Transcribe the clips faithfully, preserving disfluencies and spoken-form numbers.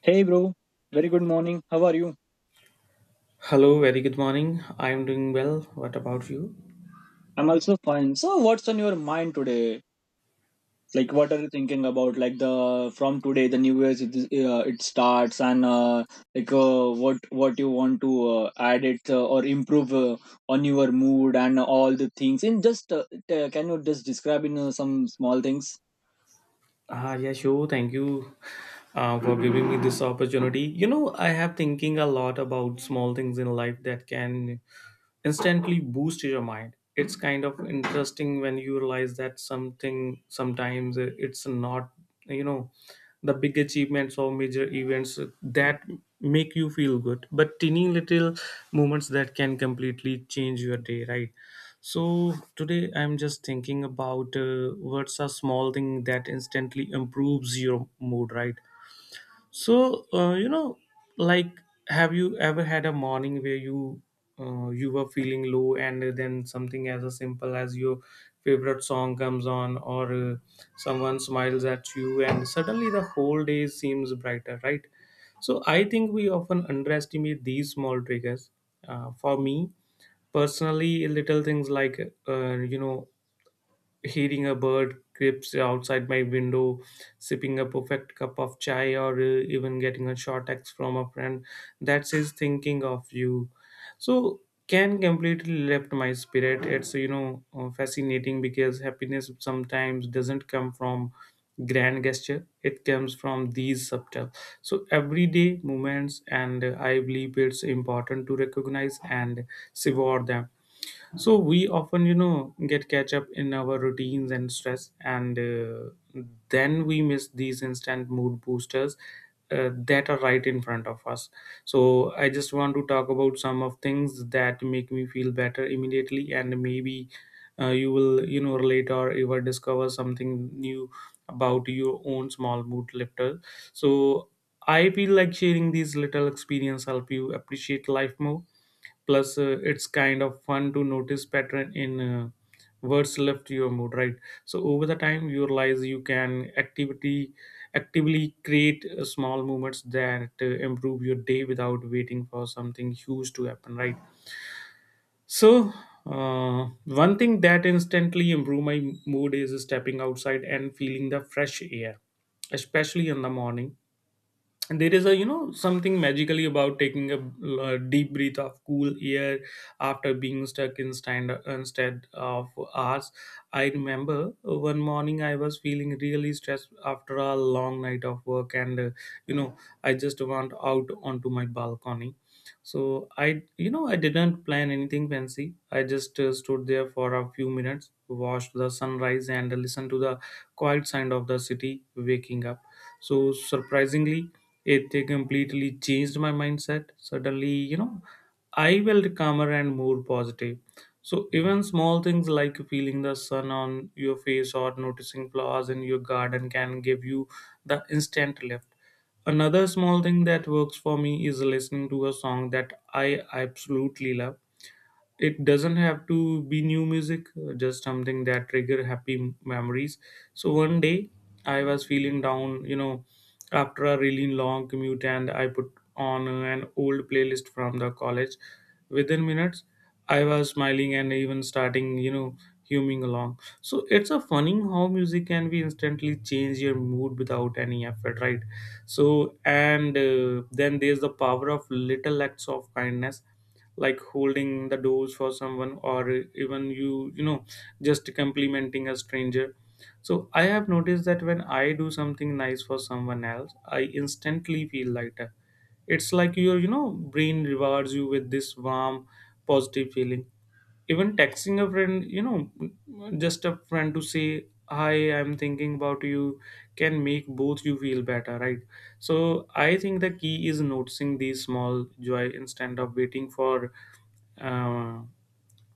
Hey bro, very good morning. How are you? Hello, very good morning. I am doing well. What about you? I'm also fine. So what's on your mind today? Like what are you thinking about, like the from today the new year's it, is- uh, it starts and uh, like uh, what what you want to uh, add it uh, or improve uh, on your mood and all the things, in just uh, t- can you just describe in uh, some small things? Ah, yeah, sure. Thank you uh, for giving me this opportunity. You know, I have thinking a lot about small things in life that can instantly boost your mind. It's kind of interesting when you realize that something, sometimes it's not you know the big achievements or major events that make you feel good, but teeny little moments that can completely change your day, right? So today I'm just thinking about uh, what's a small thing that instantly improves your mood, right? So, uh, you know, like, have you ever had a morning where you uh, you were feeling low, and then something as a simple as your favorite song comes on, or uh, someone smiles at you, and suddenly the whole day seems brighter, right? So, I think we often underestimate these small triggers. Uh, for me personally, little things like uh, you know hearing a bird creeps outside my window, sipping a perfect cup of chai, or uh, even getting a short text from a friend that says thinking of you. So can completely lift my spirit. It's you know uh, fascinating because happiness sometimes doesn't come from grand gesture. It comes from these subtle, so everyday moments, and uh, I believe it's important to recognize and savor them. So we often you know get catch up in our routines and stress, and uh, then we miss these instant mood boosters uh, that are right in front of us. So I just want to talk about some of things that make me feel better immediately, and maybe uh, you will you know relate or ever discover something new about your own small mood lifter. So I feel like sharing these little experience help you appreciate life more. Plus uh, it's kind of fun to notice pattern in uh, words left your mood, right? So over the time you realize you can activity actively create uh, small movements that uh, improve your day without waiting for something huge to happen, right? So uh, one thing that instantly improve my mood is stepping outside and feeling the fresh air, especially in the morning. There is a you know something magically about taking a, uh, deep breath of cool air after being stuck in stand instead of hours. I remember one morning I was feeling really stressed after a long night of work, and uh, you know I just went out onto my balcony. So I you know I didn't plan anything fancy. I just uh, stood there for a few minutes, watched the sunrise and listened to the quiet sound of the city waking up. So surprisingly, it completely changed my mindset. Suddenly you know I felt calmer and more positive. So even small things like feeling the sun on your face or noticing flowers in your garden can give you the instant lift. Another small thing that works for me is listening to a song that I absolutely love. It doesn't have to be new music, uh, just something that trigger happy m- memories. So one day I was feeling down, you know after a really long commute, and I put on uh, an old playlist from the college. Within minutes, I was smiling and even starting you know humming along. So it's a funny how music can be instantly change your mood without any effort, right? So and uh, then there's the power of little acts of kindness, like holding the doors for someone, or even you you know just complimenting a stranger. So I have noticed that when I do something nice for someone else, I instantly feel lighter. It's like your you know brain rewards you with this warm, positive feeling. Even texting a friend, you know just a friend, to say hi, I'm thinking about you, can make both you feel better, right? So I think the key is noticing these small joy instead of waiting for uh,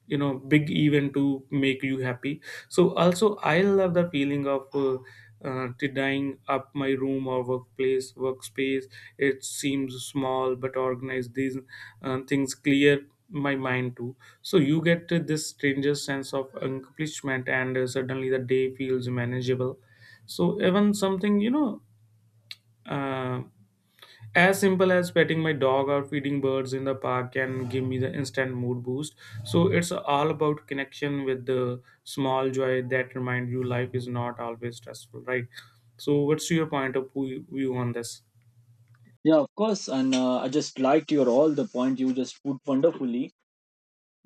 you know big event to make you happy. So also I love the feeling of uh, uh, tidying up my room or workplace workspace. It seems small, but organized these uh, things clear my mind too. So you get this stranger sense of accomplishment, and uh, suddenly the day feels manageable. So even something you know uh, as simple as petting my dog or feeding birds in the park can give me the instant mood boost. So it's all about connection with the small joy that remind you life is not always stressful, right? So what's your point of pu- view on this? Yeah, of course, and uh, I just liked your all the point you just put wonderfully.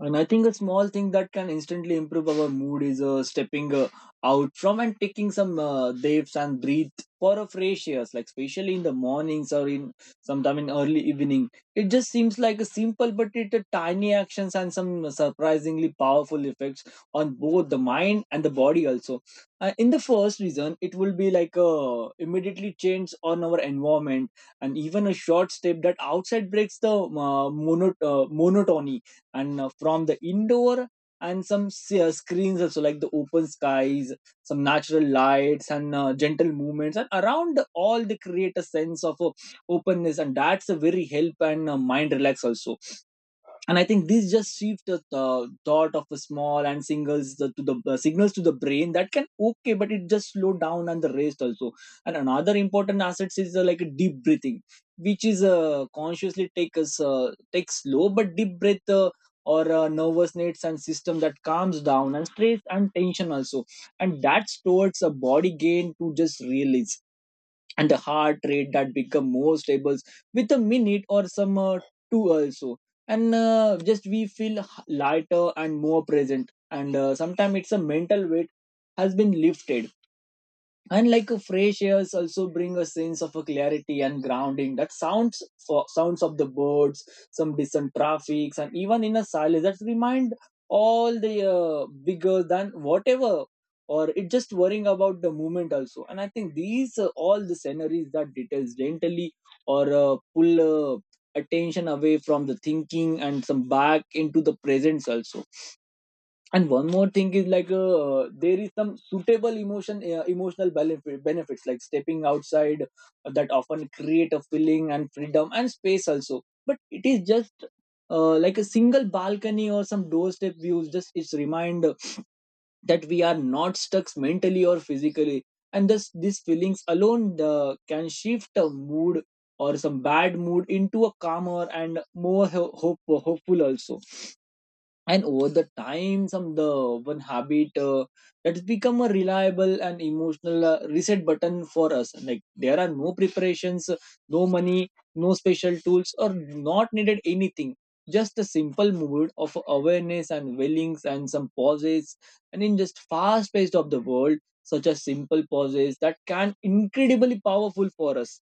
And I think a small thing that can instantly improve our mood is uh, stepping uh, out from and taking some uh, dips and breathe for a fresh air, like especially in the mornings or in sometime in early evening. It just seems like a simple, but it a tiny actions and some surprisingly powerful effects on both the mind and the body also. Uh, in the first reason, it will be like uh, immediately change on our environment, and even a short step that outside breaks the uh, mono- uh, monotony and uh, from the indoor and some uh, screens also, like the open skies, some natural lights and uh, gentle movements and around all, they create a sense of uh, openness, and that's a very help and uh, mind relax also. And I think this just shifts the uh, thought of a small and singles the, to the uh, signals to the brain that can okay, but it just slow down and the rest also. And another important asset is uh, like a deep breathing, which is uh, consciously take us uh, take slow but deep breath, uh, or uh, nervous nets and system that calms down and stress and tension also. And that's towards a body gain to just release, and the heart rate that become more stable with a minute or some uh, two also. And uh, just we feel h- lighter and more present, and uh, sometimes it's a mental weight has been lifted. And like a fresh airs also bring a sense of a clarity and grounding, that sounds for sounds of the birds, some distant traffics, and even in a silence that remind all the uh, bigger than whatever, or it just worrying about the movement also. And I think these uh, all the sceneries that details gently or uh, pull uh, attention away from the thinking and some back into the presence also. And one more thing is like uh, there is some suitable emotion uh, emotional benefit, benefits, like stepping outside uh, that often create a feeling and freedom and space also, but it is just uh, like a single balcony or some doorstep views, just it's remind that we are not stuck mentally or physically. And thus these feelings alone uh, can shift a mood or some bad mood into a calmer and more ho- hope, hopeful also. And over the time some the one habit uh, that's become a reliable and emotional uh, reset button for us, like there are no preparations, no money, no special tools, or not needed anything, just a simple mood of awareness and willings and some pauses. And in just fast pace of the world, such as simple pauses that can incredibly powerful for us.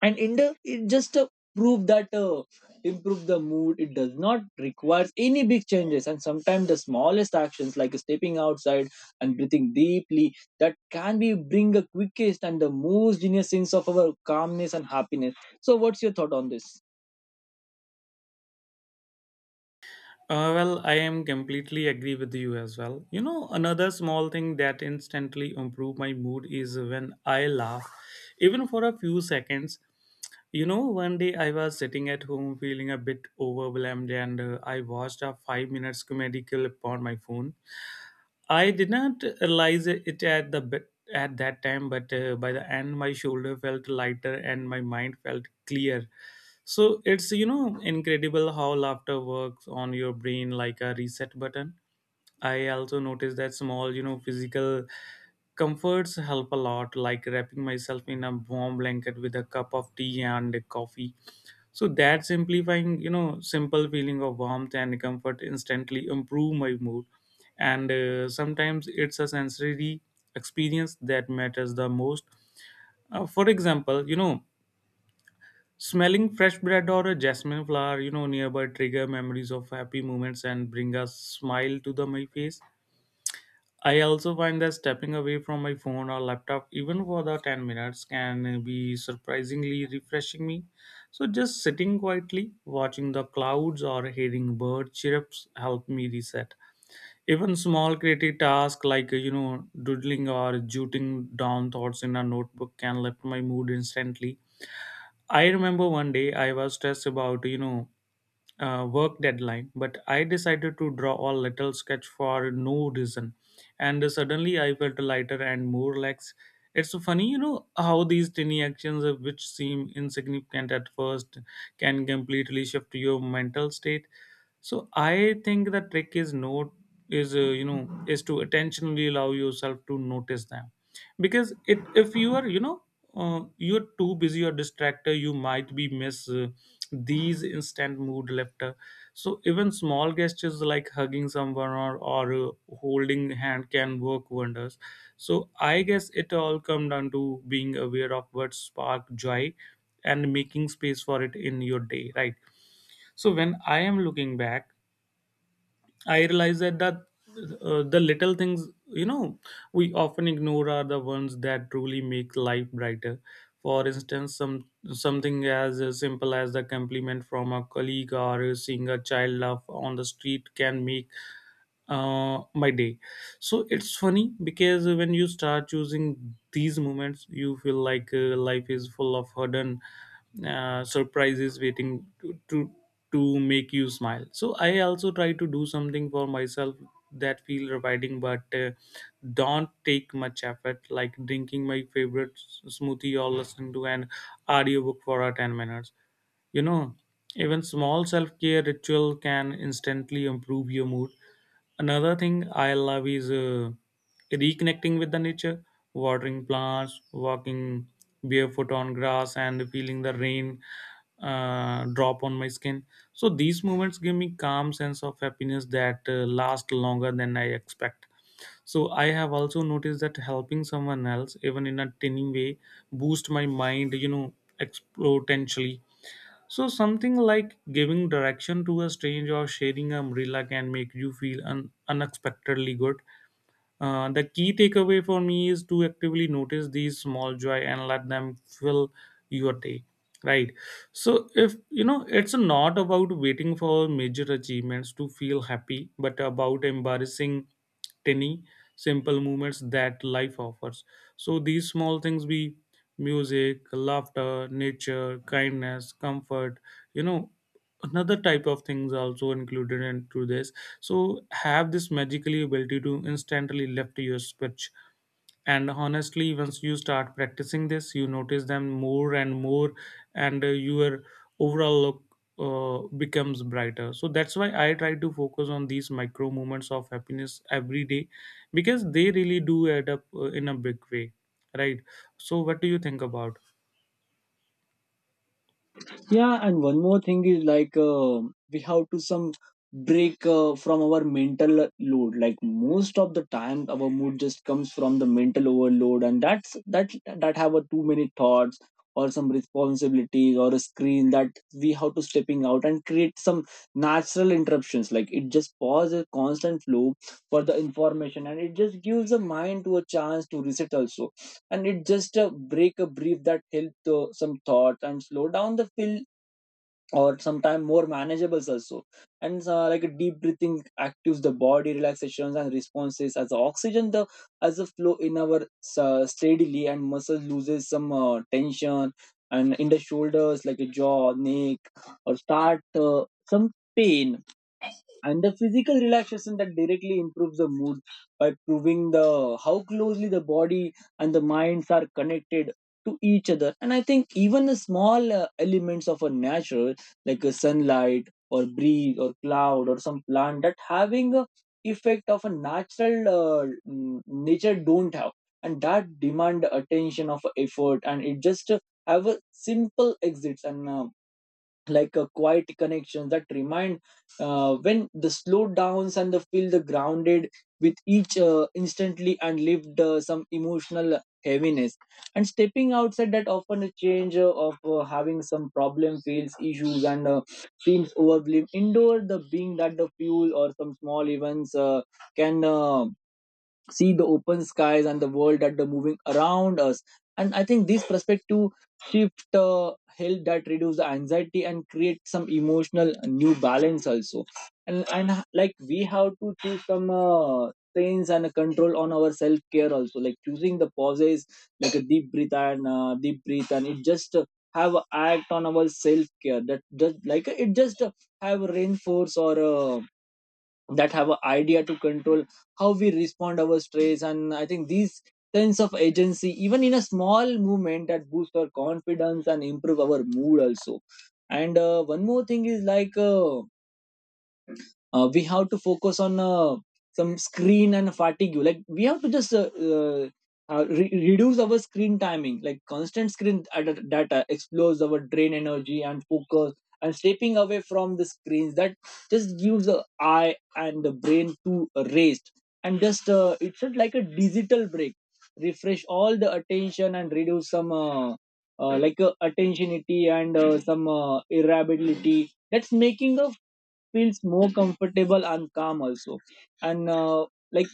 And India it just uh, prove that uh, improve the mood, it does not require any big changes, and sometimes the smallest actions like stepping outside and breathing deeply that can be bring the quickest and the most genius sense of our calmness and happiness. So what's your thought on this? Uh, well, I am completely agree with you as well. You know, another small thing that instantly improve my mood is when I laugh, even for a few seconds. You know, one day I was sitting at home feeling a bit overwhelmed, and uh, I watched a five minutes comedy clip on my phone. I did not realize it at the bit at that time, but uh, by the end my shoulder felt lighter and my mind felt clear. So it's you know incredible how laughter works on your brain like a reset button. I also noticed that small, you know, physical comforts help a lot, like wrapping myself in a warm blanket with a cup of tea and a coffee. So that simplifying, you know, simple feeling of warmth and comfort instantly improve my mood. And uh, sometimes it's a sensory experience that matters the most. Uh, for example, you know, smelling fresh bread or a jasmine flower, you know, nearby trigger memories of happy moments and bring a smile to the my face. I also find that stepping away from my phone or laptop, even for the ten minutes, can be surprisingly refreshing me. So, just sitting quietly, watching the clouds or hearing bird chirps help me reset. Even small creative tasks like, you know, doodling or jotting down thoughts in a notebook, can lift my mood instantly. I remember one day I was stressed about, you know, uh, work deadline, but I decided to draw a little sketch for no reason. And suddenly I felt lighter and more relaxed. It's funny, you know, how these tiny actions, uh, which seem insignificant at first, can completely shift your mental state. So I think the trick is not is uh, you know is to intentionally allow yourself to notice them, because it if you are you know uh, you're too busy or distracted, you might be miss uh, these instant mood lifter. So even small gestures like hugging someone, or, or uh, holding hand can work wonders. So I guess it all come down to being aware of what spark joy and making space for it in your day, right? So when I am looking back, I realize that that uh, the little things, you know we often ignore are the ones that truly make life brighter. For instance, some something as uh, simple as the compliment from a colleague or seeing a child laugh on the street can make uh, my day. So it's funny because when you start using these moments, you feel like uh, life is full of hidden uh, surprises waiting to, to to make you smile. So I also try to do something for myself that feel rewarding, but uh, don't take much effort, like drinking my favorite s- smoothie or listening to an audiobook for uh, ten minutes. You know, even small self care ritual can instantly improve your mood. Another thing I love is uh, reconnecting with the nature, watering plants, walking barefoot on grass, and feeling the rain uh, drop on my skin. So these moments give me calm sense of happiness that uh, last longer than I expect. So I have also noticed that helping someone else, even in a tiny way, boost my mind. You know, exponentially. So, something like giving direction to a stranger or sharing an umbrella can make you feel un- unexpectedly good. Uh, the key takeaway for me is to actively notice these small joy and let them fill your day, right? So if you know it's not about waiting for major achievements to feel happy, but about embarrassing tiny, simple moments that life offers. So these small things be music, laughter, nature, kindness, comfort, you know another type of things also included into this, so have this magically ability to instantly lift your speech. And honestly, once you start practicing this, you notice them more and more, and uh, your overall look uh, becomes brighter. So that's why I try to focus on these micro moments of happiness every day, because they really do add up, uh, in a big way, right? So what do you think about? Yeah, and one more thing is like uh, we have to some break uh, from our mental load, like most of the time our mood just comes from the mental overload, and that's that that have a too many thoughts or some responsibilities or a screen, that we have to stepping out and create some natural interruptions, like it just pause a constant flow for the information, and it just gives the mind to a chance to reset also. And it just uh, break a brief that help to some thoughts and slow down the feel, or sometimes more manageables also. And uh, like a deep breathing actives the body relaxations and responses, as the oxygen the as the flow in our uh, steadily, and muscle loses some uh, tension and in the shoulders like a jaw neck or start uh, some pain, and the physical relaxation that directly improves the mood by proving the how closely the body and the minds are connected to each other. And I think even the small uh, elements of a natural, like a sunlight or breeze or cloud or some plant, that having a effect of a natural uh, mm, nature don't have, and that demand attention of effort, and it just uh, have a simple exits and um, like a quiet connection that remind uh, when the slow downs and the feel the grounded with each uh, instantly and lived uh, some emotional heaviness. And stepping outside that often a change uh, of uh, having some problem feels issues and uh, seems overblown indoor, the being that the fuel or some small events uh, can uh, see the open skies and the world that are moving around us. And I think this perspective shift uh, help that reduce the anxiety and create some emotional new balance also. And and uh, like we have to choose some uh, sense and a control on our self care also, like choosing the pauses, like a deep breath and uh, deep breath, and it just uh, have a act on our self care, that just like uh, it just uh, have reinforce or uh, that have an idea to control how we respond our stress. And I think these sense of agency, even in a small movement that boosts our confidence and improve our mood also. And uh, one more thing is like uh, uh, we have to focus on uh, some screen and fatigue, like we have to just uh, uh, uh, re- reduce our screen timing, like constant screen ad- data explores our drain energy and focus, and stepping away from the screens that just gives the eye and the brain to rest. And just uh, it's just like a digital break, refresh all the attention and reduce some uh, uh, like uh, attentionity and uh, some uh, irritability that's making a feels more comfortable and calm also. And uh, like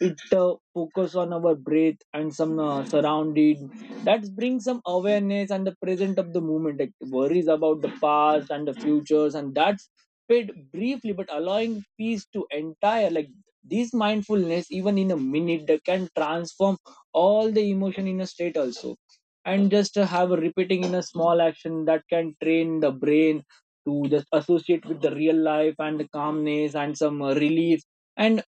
it uh, focus on our breath and some uh, surrounding that brings some awareness and the present of the moment, like worries about the past and the futures and that's paid briefly but allowing peace to entire, like this mindfulness even in a minute that can transform all the emotion in a state also. And just to have a repeating in a small action that can train the brain to just associate with the real life and the calmness and some uh, relief. And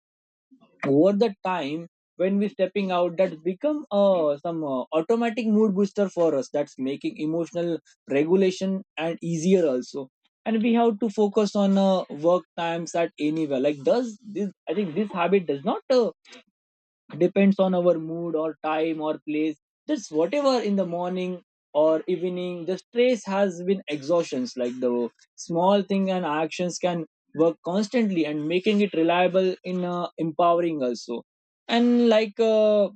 over the time when we stepping out, that's become uh, some uh, automatic mood booster for us that's making emotional regulation and easier also. And we have to focus on uh, work times at anywhere, like does this, I think this habit does not uh, depends on our mood or time or place, just whatever in the morning or evening, the stress has been exhaustions, like the small thing and actions can work constantly and making it reliable in uh, empowering also. And like uh,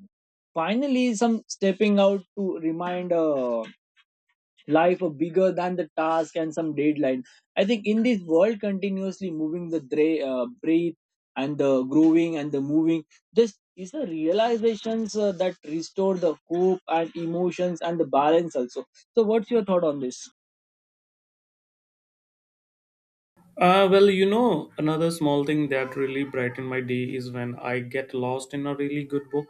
finally some stepping out to remind uh, life are bigger than the task and some deadline. I think in this world continuously moving, the dra- uh, breathe and the growing and the moving, this is a realizations uh, that restore the hope and emotions and the balance also. So what's your thought on this? Uh, well, you know, another small thing that really brightened my day is when I get lost in a really good book,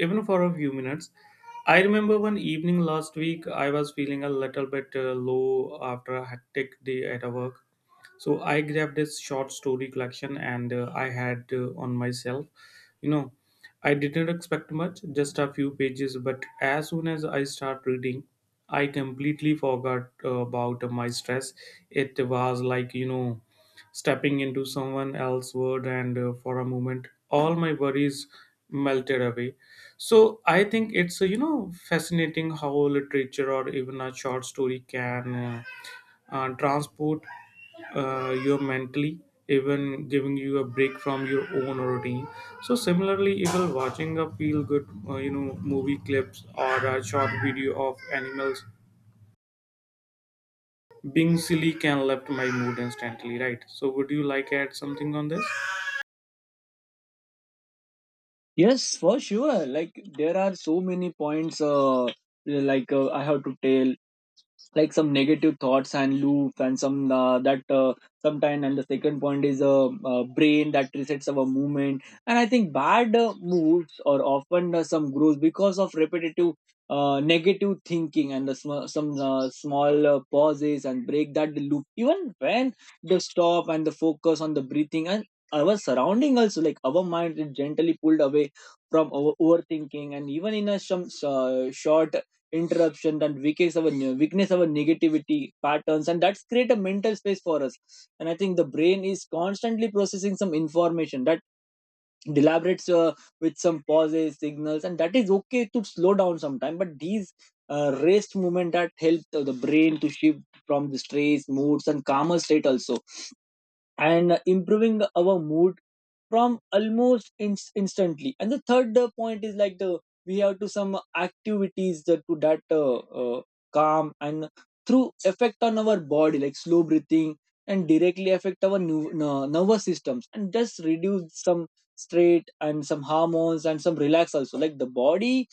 even for a few minutes. I remember one evening last week, I was feeling a little bit uh, low after a hectic day at a work, so i grabbed this short story collection and uh, i had uh, on myself you know i didn't expect much, just a few pages, but as soon as i start reading, i completely forgot uh, about my stress. It was like, you know stepping into someone else's world, and uh, for a moment all my worries melted away. So i think it's uh, you know fascinating how literature or even a short story can uh, uh, transport uh, you mentally, even giving you a break from your own routine. So similarly, even watching a feel good uh, you know movie clips or a short video of animals being silly can lift my mood instantly, right? So would you like add something on this? Yes, for sure. Like there are so many points. Uh, like uh, I have to tell. Like some negative thoughts and loop and some uh, that uh, sometime. And the second point is a uh, uh, brain that resets our movement. And I think bad uh, moods or often uh, some growth because of repetitive uh, negative thinking and the sm- some uh, small uh, pauses and break that loop, even when the stop and the focus on the breathing and our surrounding also, like our mind is gently pulled away from our overthinking. And even in a some uh, short interruption that weakness our weakness our negativity patterns, and that's create a mental space for us. And I think the brain is constantly processing some information that deliberates uh, with some pauses signals, and that is okay to slow down sometime. But these uh, rest movement that help the the brain to shift from the stress moods and calmer state also, and uh, improving our mood from almost inst- instantly. And the third uh, point is like the we have to some activities that to that uh, uh, calm and through effect on our body, like slow breathing, and directly affect our nu- n- nervous systems, and just reduce some stress and some hormones and some relax also. Like the body,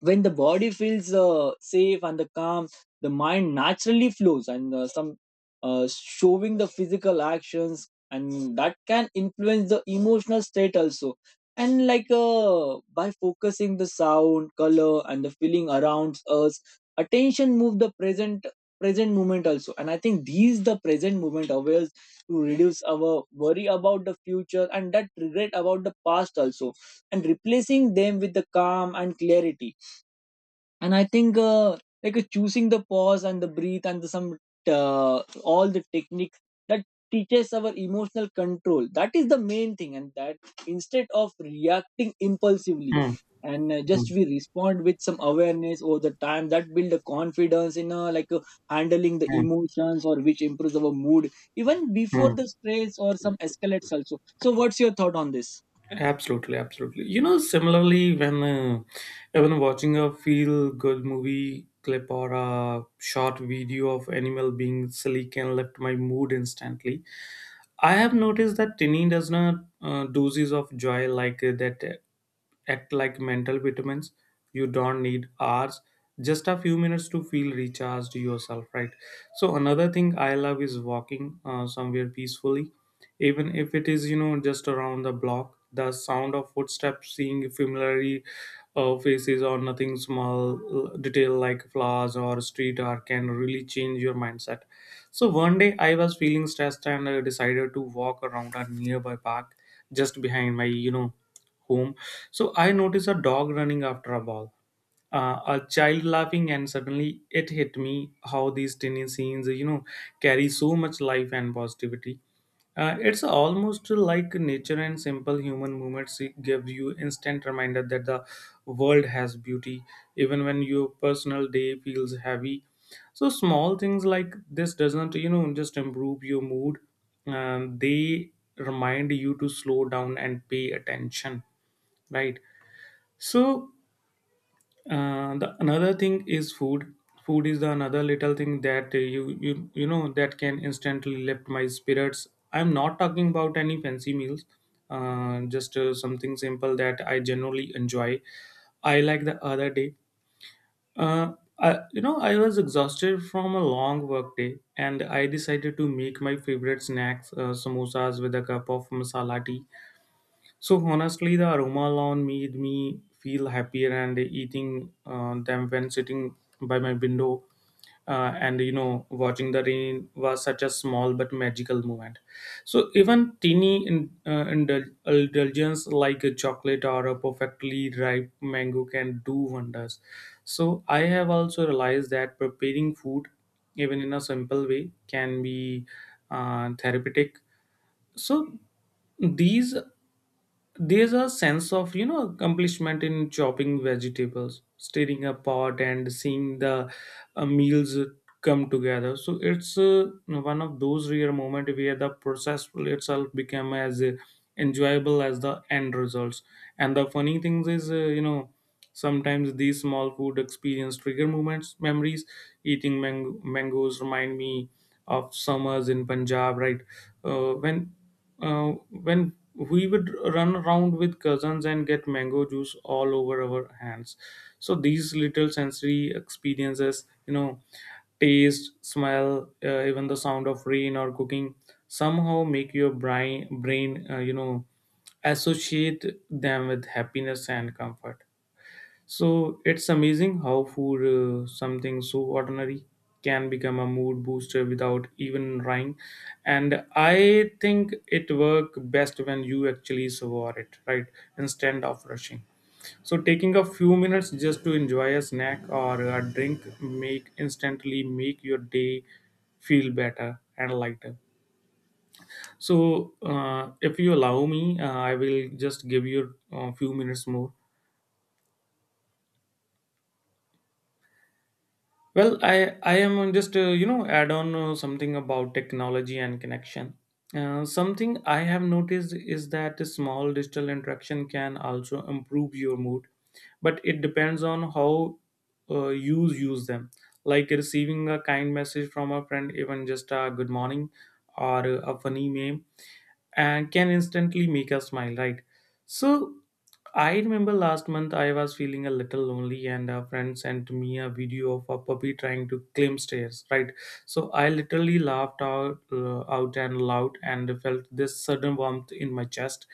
when the body feels uh, safe and the calm, the mind naturally flows and uh, some uh, showing the physical actions, and that can influence the emotional state also. And like uh, by focusing the sound color and the feeling around us, attention move the present present moment also. And I think these the present moment awares to reduce our worry about the future and that regret about the past also, and replacing them with the calm and clarity. And I think uh, like uh, choosing the pause and the breathe and the, some uh, all the techniques that teaches our emotional control, that is the main thing. And that instead of reacting impulsively, Hmm, and uh, hmm, just we respond with some awareness over the time that build a confidence in uh, like uh, handling the hmm, emotions or which improves our mood even hmm. before the stress or some escalates also. So what's your thought on this? Absolutely, absolutely. You know, similarly, when uh, even watching a feel good movie clip or a short video of animal being silly can lift my mood instantly. I have noticed that tinny does not uh, doses of joy, like uh, that uh, act like mental vitamins. You don't need hours, just a few minutes to feel recharged yourself, right? So another thing I love is walking uh, somewhere peacefully, even if it is, you know, just around the block. The sound of footsteps, seeing familiar uh, faces or nothing small uh, detail like flowers or street art can really change your mindset. So one day I was feeling stressed and I decided to walk around a nearby park just behind my, you know, home. So I noticed a dog running after a ball, uh, a child laughing, and suddenly it hit me how these tiny scenes, you know, carry so much life and positivity. Uh, it's almost like nature and simple human movements give you instant reminder that the world has beauty, even when your personal day feels heavy. So small things like this doesn't, you know, just improve your mood. Um, they remind you to slow down and pay attention, right? So uh, the another thing is food. Food is the another little thing that uh, you you you know that can instantly lift my spirits. I'm not talking about any fancy meals, uh, just uh, something simple that I generally enjoy. I like the other day. Uh, I, you know, I was exhausted from a long work day, and I decided to make my favorite snacks, uh, samosas with a cup of masala tea. So honestly, the aroma lawn made me feel happier, and eating uh, them when sitting by my window, uh, and you know, watching the rain was such a small but magical moment. So even teeny in, uh, indul- indulgence like a chocolate or a perfectly ripe mango can do wonders. So I have also realized that preparing food, even in a simple way, can be uh, therapeutic. So these, there's a sense of, you know, accomplishment in chopping vegetables, stirring a pot, and seeing the uh, meals come together. So it's uh, one of those rare moments where the process will itself become as uh, enjoyable as the end results. And the funny thing is, uh, you know sometimes these small food experience trigger moments memories. Eating mang- mangoes remind me of summers in Punjab, right? uh, when uh, when we would run around with cousins and get mango juice all over our hands. So these little sensory experiences, you know, taste, smell, uh, even the sound of rain or cooking somehow make your brain brain uh, you know associate them with happiness and comfort. So it's amazing how food, uh, something so ordinary, can become a mood booster without even trying. And I think it work best when you actually savor it, right? Instead of rushing. So taking a few minutes just to enjoy a snack or a drink make instantly make your day feel better and lighter. So uh, if you allow me, uh, I will just give you a few minutes more. Well, I I am on just, uh, you know add on uh, something about technology and connection. Uh, something I have noticed is that a small digital interaction can also improve your mood, but it depends on how uh, you use them. Like receiving a kind message from a friend, even just a good morning or a funny meme, and can instantly make us smile, right? So I remember last month I was feeling a little lonely and a friend sent me a video of a puppy trying to climb stairs, right? So I literally laughed out, uh, out and loud and felt this sudden warmth in my chest.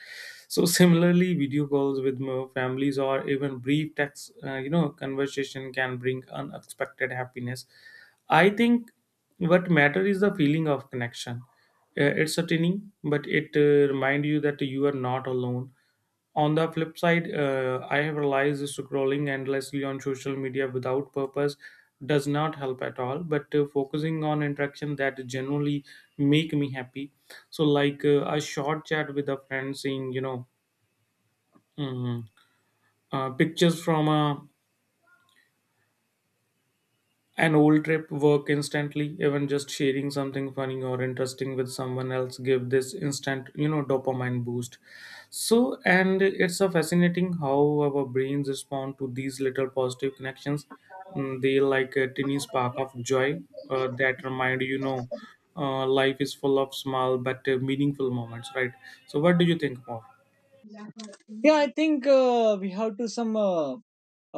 So similarly, video calls with my families or even brief text, uh, you know, conversation can bring unexpected happiness. I think what matter is the feeling of connection. Uh, it's sustaining, but it uh, remind you that you are not alone. On the flip side, uh, I have realized scrolling endlessly on social media without purpose does not help at all. But uh, focusing on interaction that generally make me happy. So like uh, a short chat with a friend, seeing, you know, mm, uh, pictures from a An old trip work instantly, even just sharing something funny or interesting with someone else give this instant, you know, dopamine boost. So, and it's a fascinating how our brains respond to these little positive connections. Mm, they like a tiny spark of joy uh, that remind, you know, uh, life is full of small but uh, meaningful moments, right? So, what do you think More. Yeah, I think uh, we have to some uh,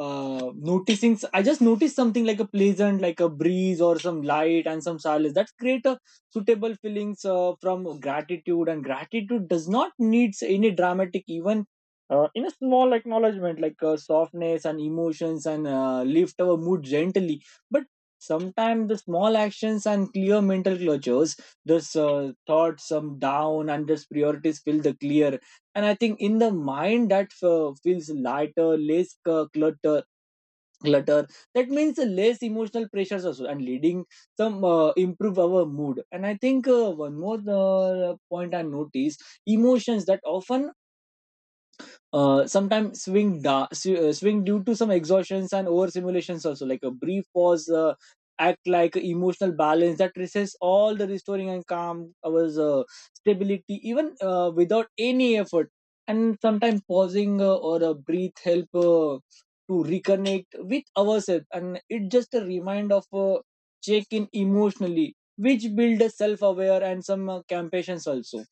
uh noticing. I just noticed something like a pleasant, like a breeze or some light and some silence that create a suitable feelings uh, from gratitude. And gratitude does not needs any dramatic even uh, in a small acknowledgement, like uh, softness and emotions, and uh, lift our mood gently. But sometimes the small actions and clear mental clutches, those uh, thoughts some down and those priorities feel the clear. And I think in the mind that uh, feels lighter, less uh, cluttered clutter, that means less emotional pressures also, and leading some uh, improve our mood. And I think uh, one more uh, point I noticed: emotions that often uh, sometimes swing da- sw- uh, swing due to some exhaustions and overstimulations also. Like a brief pause uh, act like emotional balance that resists all the restoring and calm our uh, stability even uh, without any effort. And sometimes pausing uh, or a breathe help uh, to reconnect with ourselves, and it just a remind of uh, check in emotionally, which build a self-aware and some uh, compassions also.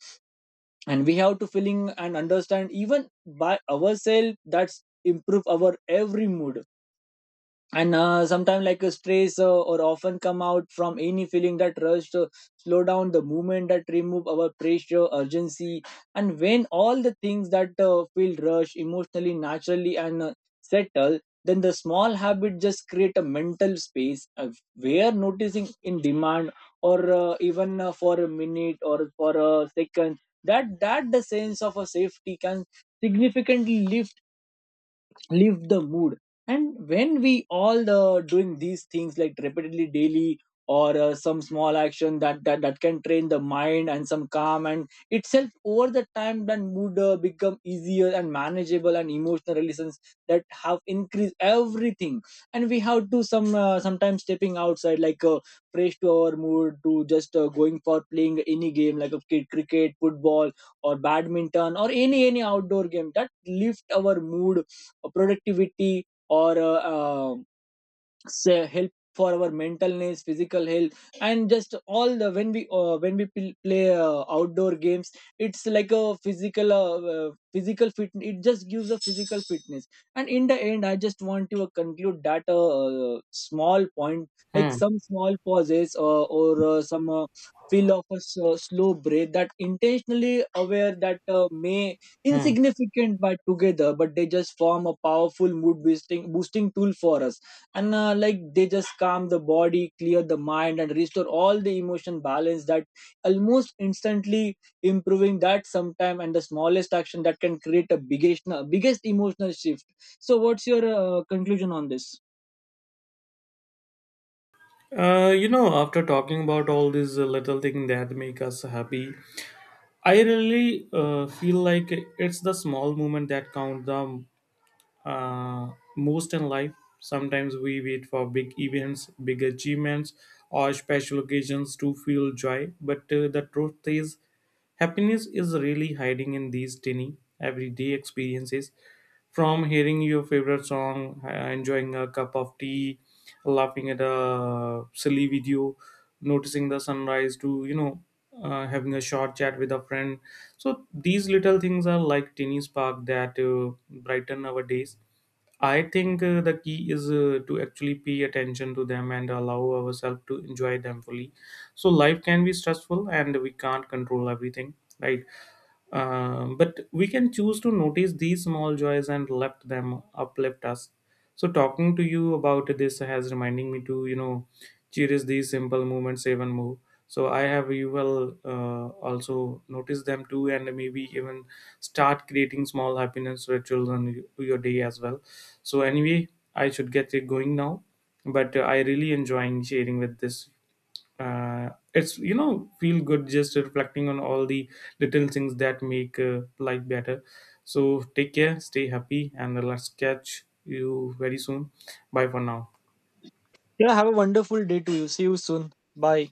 And we have to feeling and understand even by ourselves, that's improve our every mood. And uh, sometimes like a stress uh, or often come out from any feeling that rush to slow down the movement that remove our pressure urgency. And when all the things that uh, feel rush emotionally naturally and uh, settle, then the small habit just create a mental space uh, where noticing in demand or uh, even uh, for a minute or for a second, that that the sense of a safety can significantly lift the mood. And when we all uh, doing these things like repeatedly daily or uh, some small action that, that that can train the mind and some calm and itself over the time, then mood uh, become easier and manageable, and emotional relations that have increased everything. And we have to some uh, sometimes stepping outside, like uh, fresh to our mood, to just uh, going for playing any game like a kid, cricket, football, or badminton, or any any outdoor game that lift our mood, productivity, or uh, uh, say help for our mentalness physical health. And just all the when we uh, when we pl- play uh, outdoor games, it's like a physical uh, uh, physical fit, it just gives a physical fitness. And in the end, I just want to conclude that uh, small point like Hmm. some small pauses uh, or uh, some uh, feel of a s- uh, slow breath that intentionally aware, that uh, may Hmm. insignificant, but together but they just form a powerful mood boosting boosting tool for us. And uh, like they just calm the body, clear the mind, and restore all the emotion balance that almost instantly improving that sometime. And the smallest action that can create a biggest uh, biggest emotional shift. So what's your uh, conclusion on this? Uh, you know, after talking about all these uh, little things that make us happy, I really uh, feel like it's the small moment that count the uh, most in life. Sometimes we wait for big events, big achievements, or special occasions to feel joy. But uh, the truth is, happiness is really hiding in these tiny, everyday experiences, from hearing your favorite song, uh, enjoying a cup of tea, laughing at a silly video, noticing the sunrise, to, you know, uh, having a short chat with a friend. So these little things are like tiny spark that uh, brighten our days. I think uh, the key is uh, to actually pay attention to them and allow ourselves to enjoy them fully. So life can be stressful and we can't control everything, right? Um, but we can choose to notice these small joys and let them uplift us. So talking to you about this has reminding me to, you know, cherish these simple movements even more. So I have you will uh, also notice them too, and maybe even start creating small happiness rituals on y- your day as well. So anyway, I should get it going now, but uh, I really enjoying sharing with this, uh, it's, you know, feel good just reflecting on all the little things that make uh, life better. So take care, stay happy, and let's catch you very soon. Bye for now. Yeah, have a wonderful day to you. See you soon. Bye.